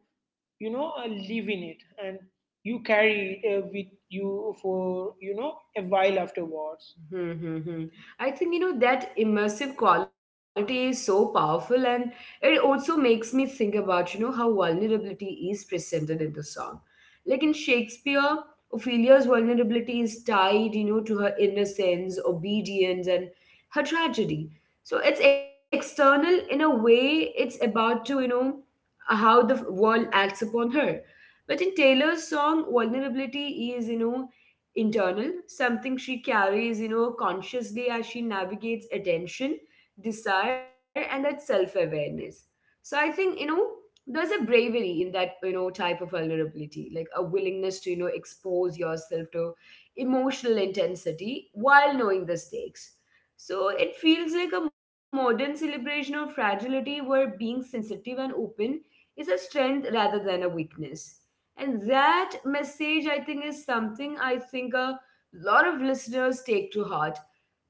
you know, live in it, and you carry it with you for, you know, a while afterwards. Mm-hmm. I think, you know, that immersive quality is so powerful, and it also makes me think about, you know, how vulnerability is presented in the song. Like in Shakespeare, Ophelia's vulnerability is tied, you know, to her innocence, obedience, and her tragedy. So it's external in a way. It's about to, you know, how the world acts upon her. But in Taylor's song, vulnerability is, you know, internal, something she carries, you know, consciously as she navigates attention, desire, and that self awareness. So I think, you know, there's a bravery in that, you know, type of vulnerability, like a willingness to, you know, expose yourself to emotional intensity while knowing the stakes. So it feels like a modern celebration of fragility where being sensitive and open is a strength rather than a weakness. And that message, I think, is something I think a lot of listeners take to heart.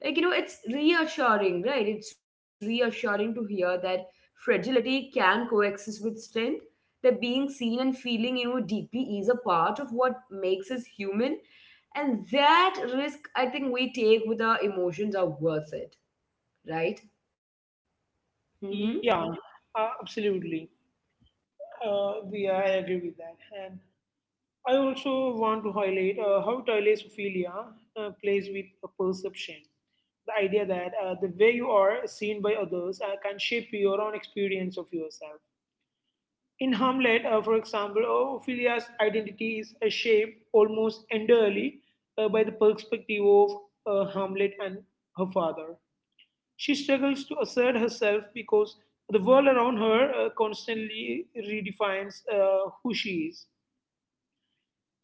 Like, you know, it's reassuring, right? It's reassuring to hear that fragility can coexist with strength, that being seen and feeling, you know, deeply is a part of what makes us human. And that risk, I think, we take with our emotions are worth it, right? Mm-hmm. Yeah, absolutely. Yeah, I agree with that. And I also want to highlight how thalassophilia plays with a perception. The idea that the way you are seen by others can shape your own experience of yourself. In Hamlet, for example, Ophelia's identity is shaped almost entirely by the perspective of Hamlet and her father. She struggles to assert herself because the world around her constantly redefines who she is.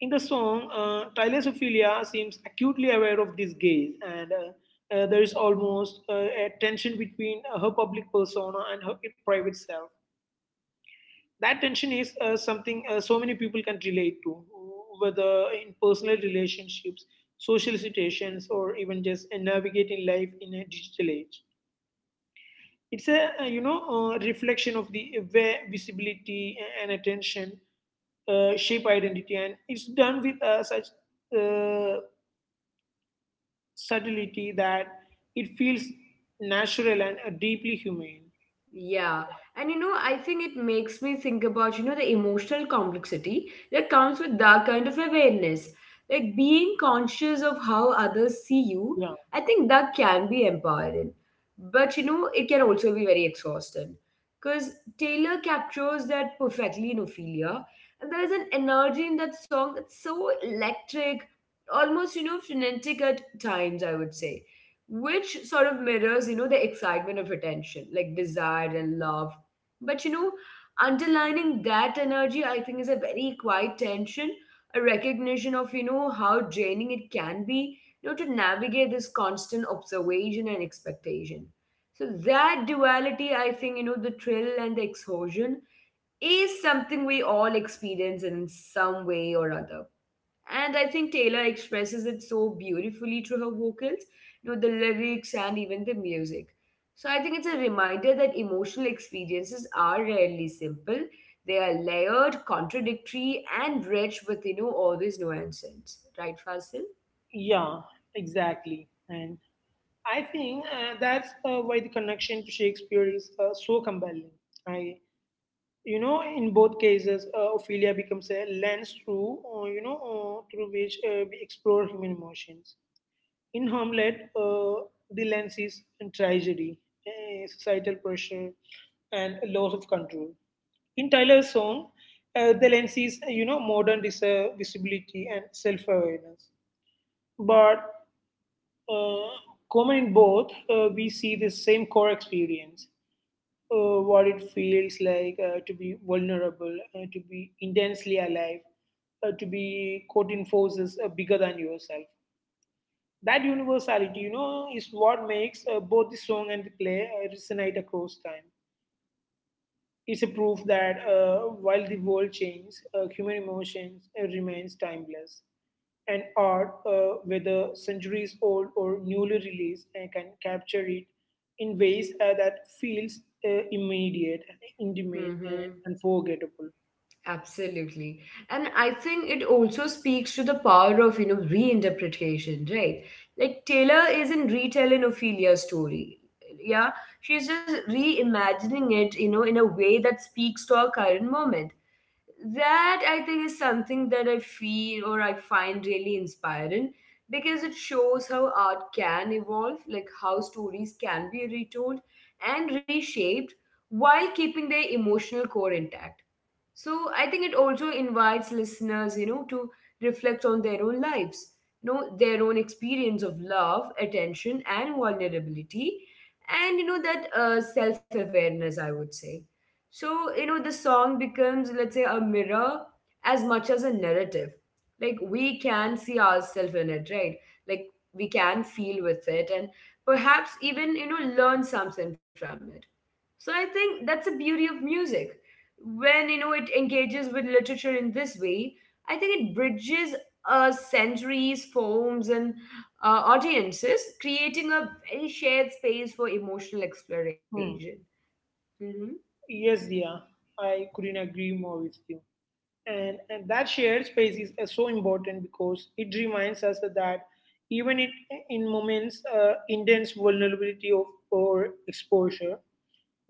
In the song, Thalassophilia seems acutely aware of this gaze, and there is almost a tension between her public persona and her private self. That tension is something so many people can relate to, whether in personal relationships, social situations, or even just navigating life in a digital age. It's a, you know, reflection of the way visibility and attention shape identity, and it's done with such uh, subtlety that it feels natural and deeply humane. Yeah, and you know, I think it makes me think about, you know, the emotional complexity that comes with that kind of awareness. Like being conscious of how others see you, Yeah, I think that can be empowering. But you know, it can also be very exhausting. Because Taylor captures that perfectly in Ophelia, and there is an energy in that song that's so electric, almost, you know, frenetic at times, I would say, which sort of mirrors, you know, the excitement of attention, like desire and love. But, you know, underlining that energy, I think, is a very quiet tension, a recognition of, you know, how draining it can be, you know, to navigate this constant observation and expectation. So that duality, I think, you know, the thrill and the exhaustion is something we all experience in some way or other. And I think Taylor expresses it so beautifully through her vocals, you know, the lyrics and even the music. So I think it's a reminder that emotional experiences are rarely simple. They are layered, contradictory, and rich with, you know, all these nuances. Right, Fasil? yeah, exactly. And I think that's why the connection to Shakespeare is so compelling. I, you know, in both cases, Ophelia becomes a lens through, through which we explore human emotions. In Hamlet, the lens is tragedy, societal pressure, and a loss of control. In Tyler's song, the lens is, you know, modern visibility and self-awareness. But uh, common in both, we see the same core experience, what it feels like to be vulnerable, to be intensely alive, to be caught in forces bigger than yourself. That universality, you know, is what makes both the song and the play resonate across time. It's a proof that while the world changes, human emotions remains timeless. And art, whether centuries old or newly released, can capture it in ways that feels immediate, intimate, and Mm-hmm. unforgettable. Absolutely. And I think it also speaks to the power of, you know, reinterpretation, right? Like Taylor isn't retelling Ophelia's story. Yeah. She's just reimagining it, you know, in a way that speaks to our current moment. That I think is something that I feel or I find really inspiring, because it shows how art can evolve, like how stories can be retold and reshaped while keeping their emotional core intact. So I think it also invites listeners, you know, to reflect on their own lives, you know, their own experience of love, attention, and vulnerability, and you know that self-awareness, I would say. So you know, the song becomes, let's say, a mirror as much as a narrative. Like we can see ourselves in it, right? Like we can feel with it, and perhaps even, you know, learn something from it. So I think that's the beauty of music. When, you know, it engages with literature in this way, I think it bridges centuries, forms, and audiences, creating a very shared space for emotional exploration. Hmm. Yes, yeah, I couldn't agree more with you. And that shared space is so important because it reminds us that even it, in moments intense vulnerability of, or exposure,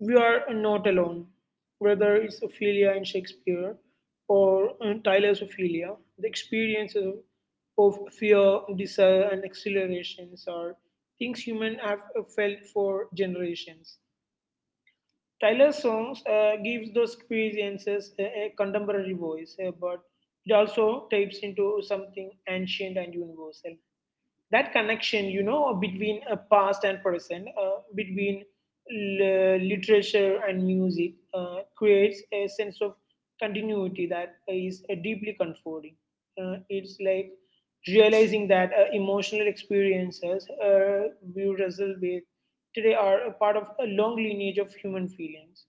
we are not alone. Whether it's Ophelia in Shakespeare or Tyler's Ophelia, the experiences of fear, desire, and exhilarations are things humans have felt for generations. Tyler's songs gives those experiences a contemporary voice, but it also taps into something ancient and universal. That connection, you know, between a past and present, between literature and music, creates a sense of continuity that is deeply comforting. It's like realizing that emotional experiences we wrestle with today are a part of a long lineage of human feelings,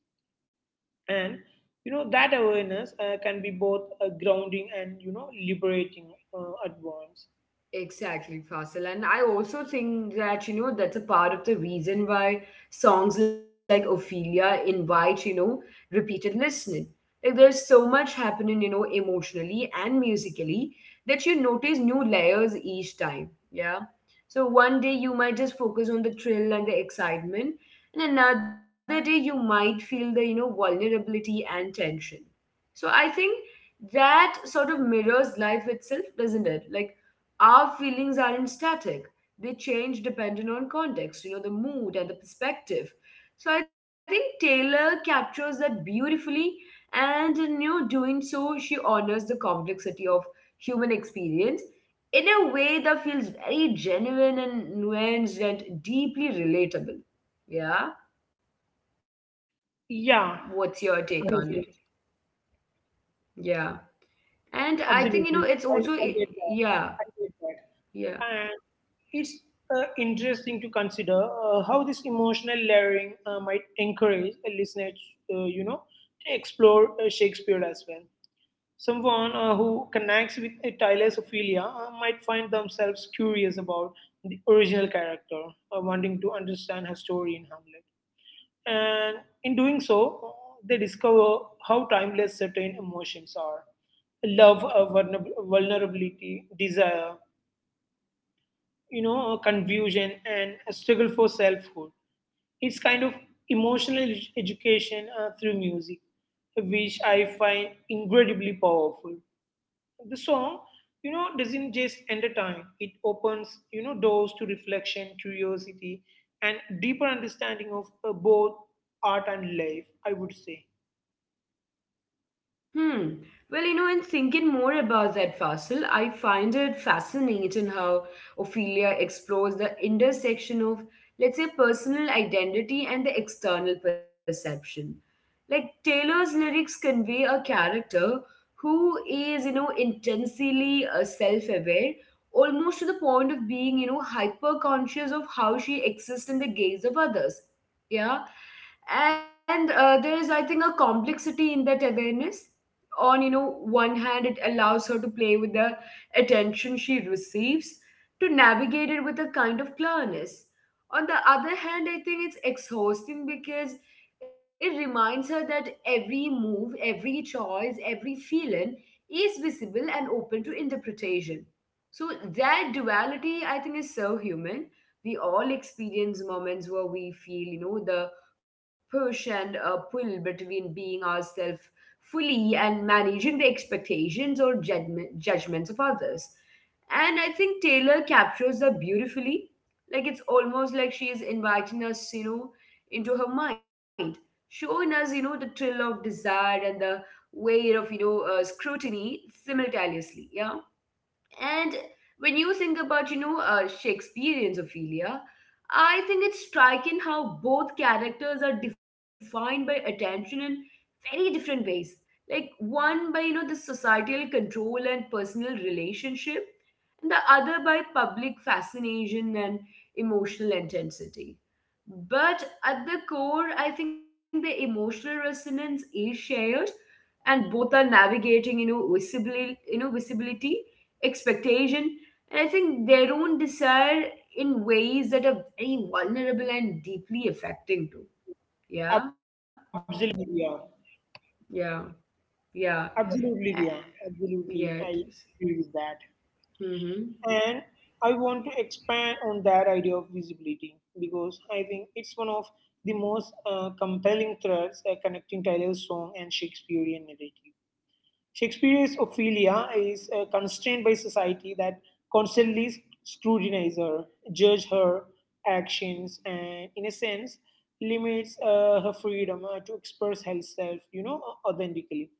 and, you know, that awareness can be both grounding and, you know, liberating at once. Exactly, Faisal. And I also think that, you know, that's a part of the reason why songs like Ophelia invite, you know, repeated listening. Like there's so much happening, you know, emotionally and musically, that you notice new layers each time. Yeah. So one day you might just focus on the thrill and the excitement, and another day you might feel the, you know, vulnerability and tension. So I think that sort of mirrors life itself, doesn't it? Like our feelings aren't static. They change depending on context, you know, the mood and the perspective. So I think Taylor captures that beautifully, and in, you know, doing so, she honors the complexity of human experience in a way that feels very genuine and nuanced and deeply relatable. Yeah. What's your take Yeah, on it? absolutely. Yeah. And I think, you know, it's also, Absolutely. i, I get yeah, that. I get that. yeah. And it's interesting to consider how this emotional layering might encourage a listener, you know, to explore Shakespeare as well. Someone who connects with a Thalassophilia might find themselves curious about the original character, wanting to understand her story in Hamlet. And in doing so, they discover how timeless certain emotions are: love, vulnerability, desire, you know, confusion, and a struggle for selfhood. It's kind of emotional education through music, which I find incredibly powerful. The song, you know, doesn't just entertain; it opens, you know, doors to reflection, curiosity, and deeper understanding of both art and life, I would say. Hmm. Well, you know, in thinking more about that, fossil, I find it fascinating how Ophelia explores the intersection of, let's say, personal identity and the external perception. Like Taylor's lyrics convey a character who is, you know, intensely self-aware, almost to the point of being, you know, hyper-conscious of how she exists in the gaze of others. Yeah. And there is, I think, a complexity in that awareness. On, you know, one hand, it allows her to play with the attention she receives, to navigate it with a kind of clearness. On the other hand, I think it's exhausting because it reminds her that every move, every choice, every feeling is visible and open to interpretation. So that duality, I think, is so human. We all experience moments where we feel, you know, the push and pull between being ourselves fully and managing the expectations or judgments of others. And I think Taylor captures her beautifully. Like it's almost like she is inviting us, you know, into her mind, showing us, you know, the thrill of desire and the weight of, you know, scrutiny simultaneously. Yeah. And when you think about, you know, Shakespearean Ophelia, I think it's striking how both characters are defined by attention in very different ways. Like one by, you know, the societal control and personal relationship, and the other by public fascination and emotional intensity. But at the core, I think the emotional resonance is shared, and both are navigating, you know, visibility, expectation, and I think their own desire in ways that are very vulnerable and deeply affecting too. Yeah, Absolutely. Yeah, yeah, yeah, absolutely. Yeah, yeah. absolutely, It I is. agree with that. Mm-hmm. And I want to expand on that idea of visibility because I think it's one of the most compelling threads connecting Tyler's song and Shakespearean narrative. Shakespeare's Ophelia is constrained by society that constantly scrutinizes her, judge her actions, and in a sense limits her freedom to express herself, you know, authentically.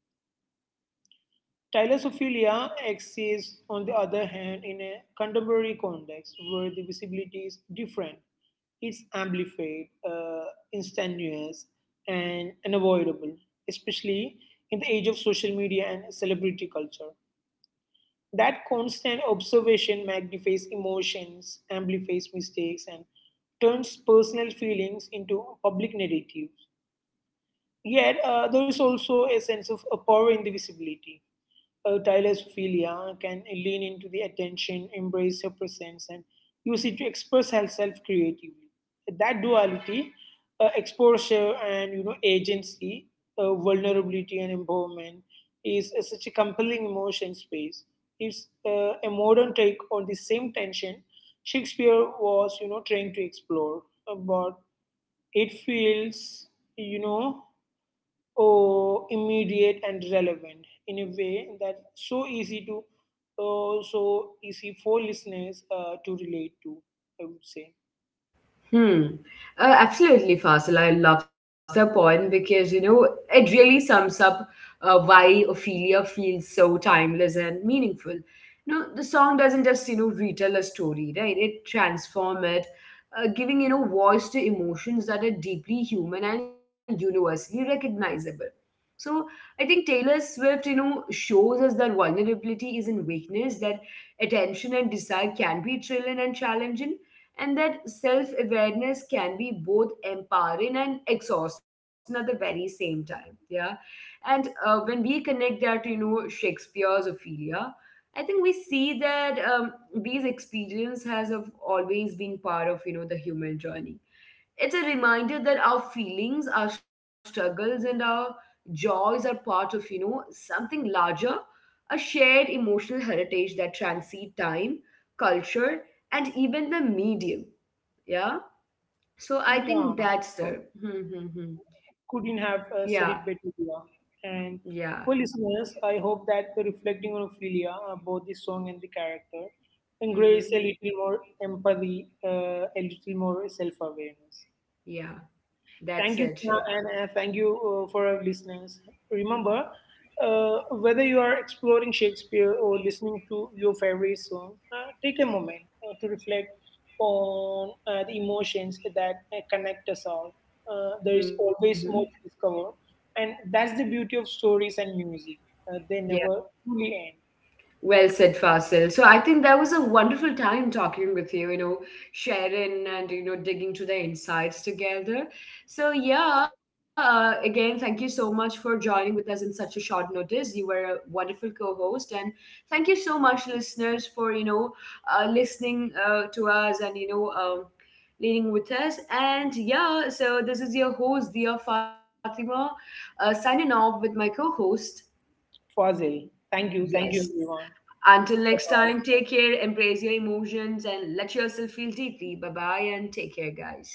Tyler's Ophelia exists, on the other hand, in a contemporary context where the visibility is different. It's amplified, instantaneous, and unavoidable, especially in the age of social media and celebrity culture. That constant observation magnifies emotions, amplifies mistakes, and turns personal feelings into public narratives. Yet, there is also a sense of power in the visibility. A thalassophilia can lean into the attention, embrace her presence, and use it to express herself creatively. That duality, exposure and, you know, agency, vulnerability and empowerment, is such a compelling emotion space. It's a modern take on the same tension Shakespeare was, you know, trying to explore, but it feels, you know, oh, immediate and relevant in a way that's so easy for listeners to relate to, I would say. Hmm. Absolutely, Fasil. I love that point because, you know, it really sums up why Ophelia feels so timeless and meaningful. You know, the song doesn't just, you know, retell a story, right? It transforms it, giving, you know, voice to emotions that are deeply human and universally recognizable. So I think Taylor Swift, you know, shows us that vulnerability is in weakness, that attention and desire can be thrilling and challenging, and that self awareness can be both empowering and exhausting at the very same time. Yeah. And when we connect that to, you know, Shakespeare's Ophelia, I think we see that these experience has of always been part of, you know, the human journey. It's a reminder that our feelings, our struggles, and our joys are part of, you know, something larger, a shared emotional heritage that transcends time, culture, and even the medium. Yeah. So I think Yeah, that's the. Mm-hmm. couldn't have Yeah. said it better. Yeah. And Yeah. for listeners, I hope that the reflecting on Ophelia, both the song and the character, embrace a Hmm. little more empathy, a little more self-awareness. Yeah. Thank That's you, Sneha, it. and thank you for our listeners. Remember, uh, whether you are exploring Shakespeare or listening to your favorite song, take a moment to reflect on the emotions that connect us all. There is Mm-hmm. always more to discover, and that's the beauty of stories and music. They never truly end. Well said, Fasil. So I think that was a wonderful time talking with you, you know, sharing and, you know, digging to the insights together. So, yeah, again, thank you so much for joining with us in such a short notice. You were a wonderful co host. And thank you so much, listeners, for, you know, listening to us and, you know, leading with us. And yeah, so this is your host, Dia Fatima, signing off with my co host. Fazil, thank you, Yes. everyone. Until next Bye-bye. time, take care, embrace your emotions, and let yourself feel deeply. Bye bye, and take care, guys.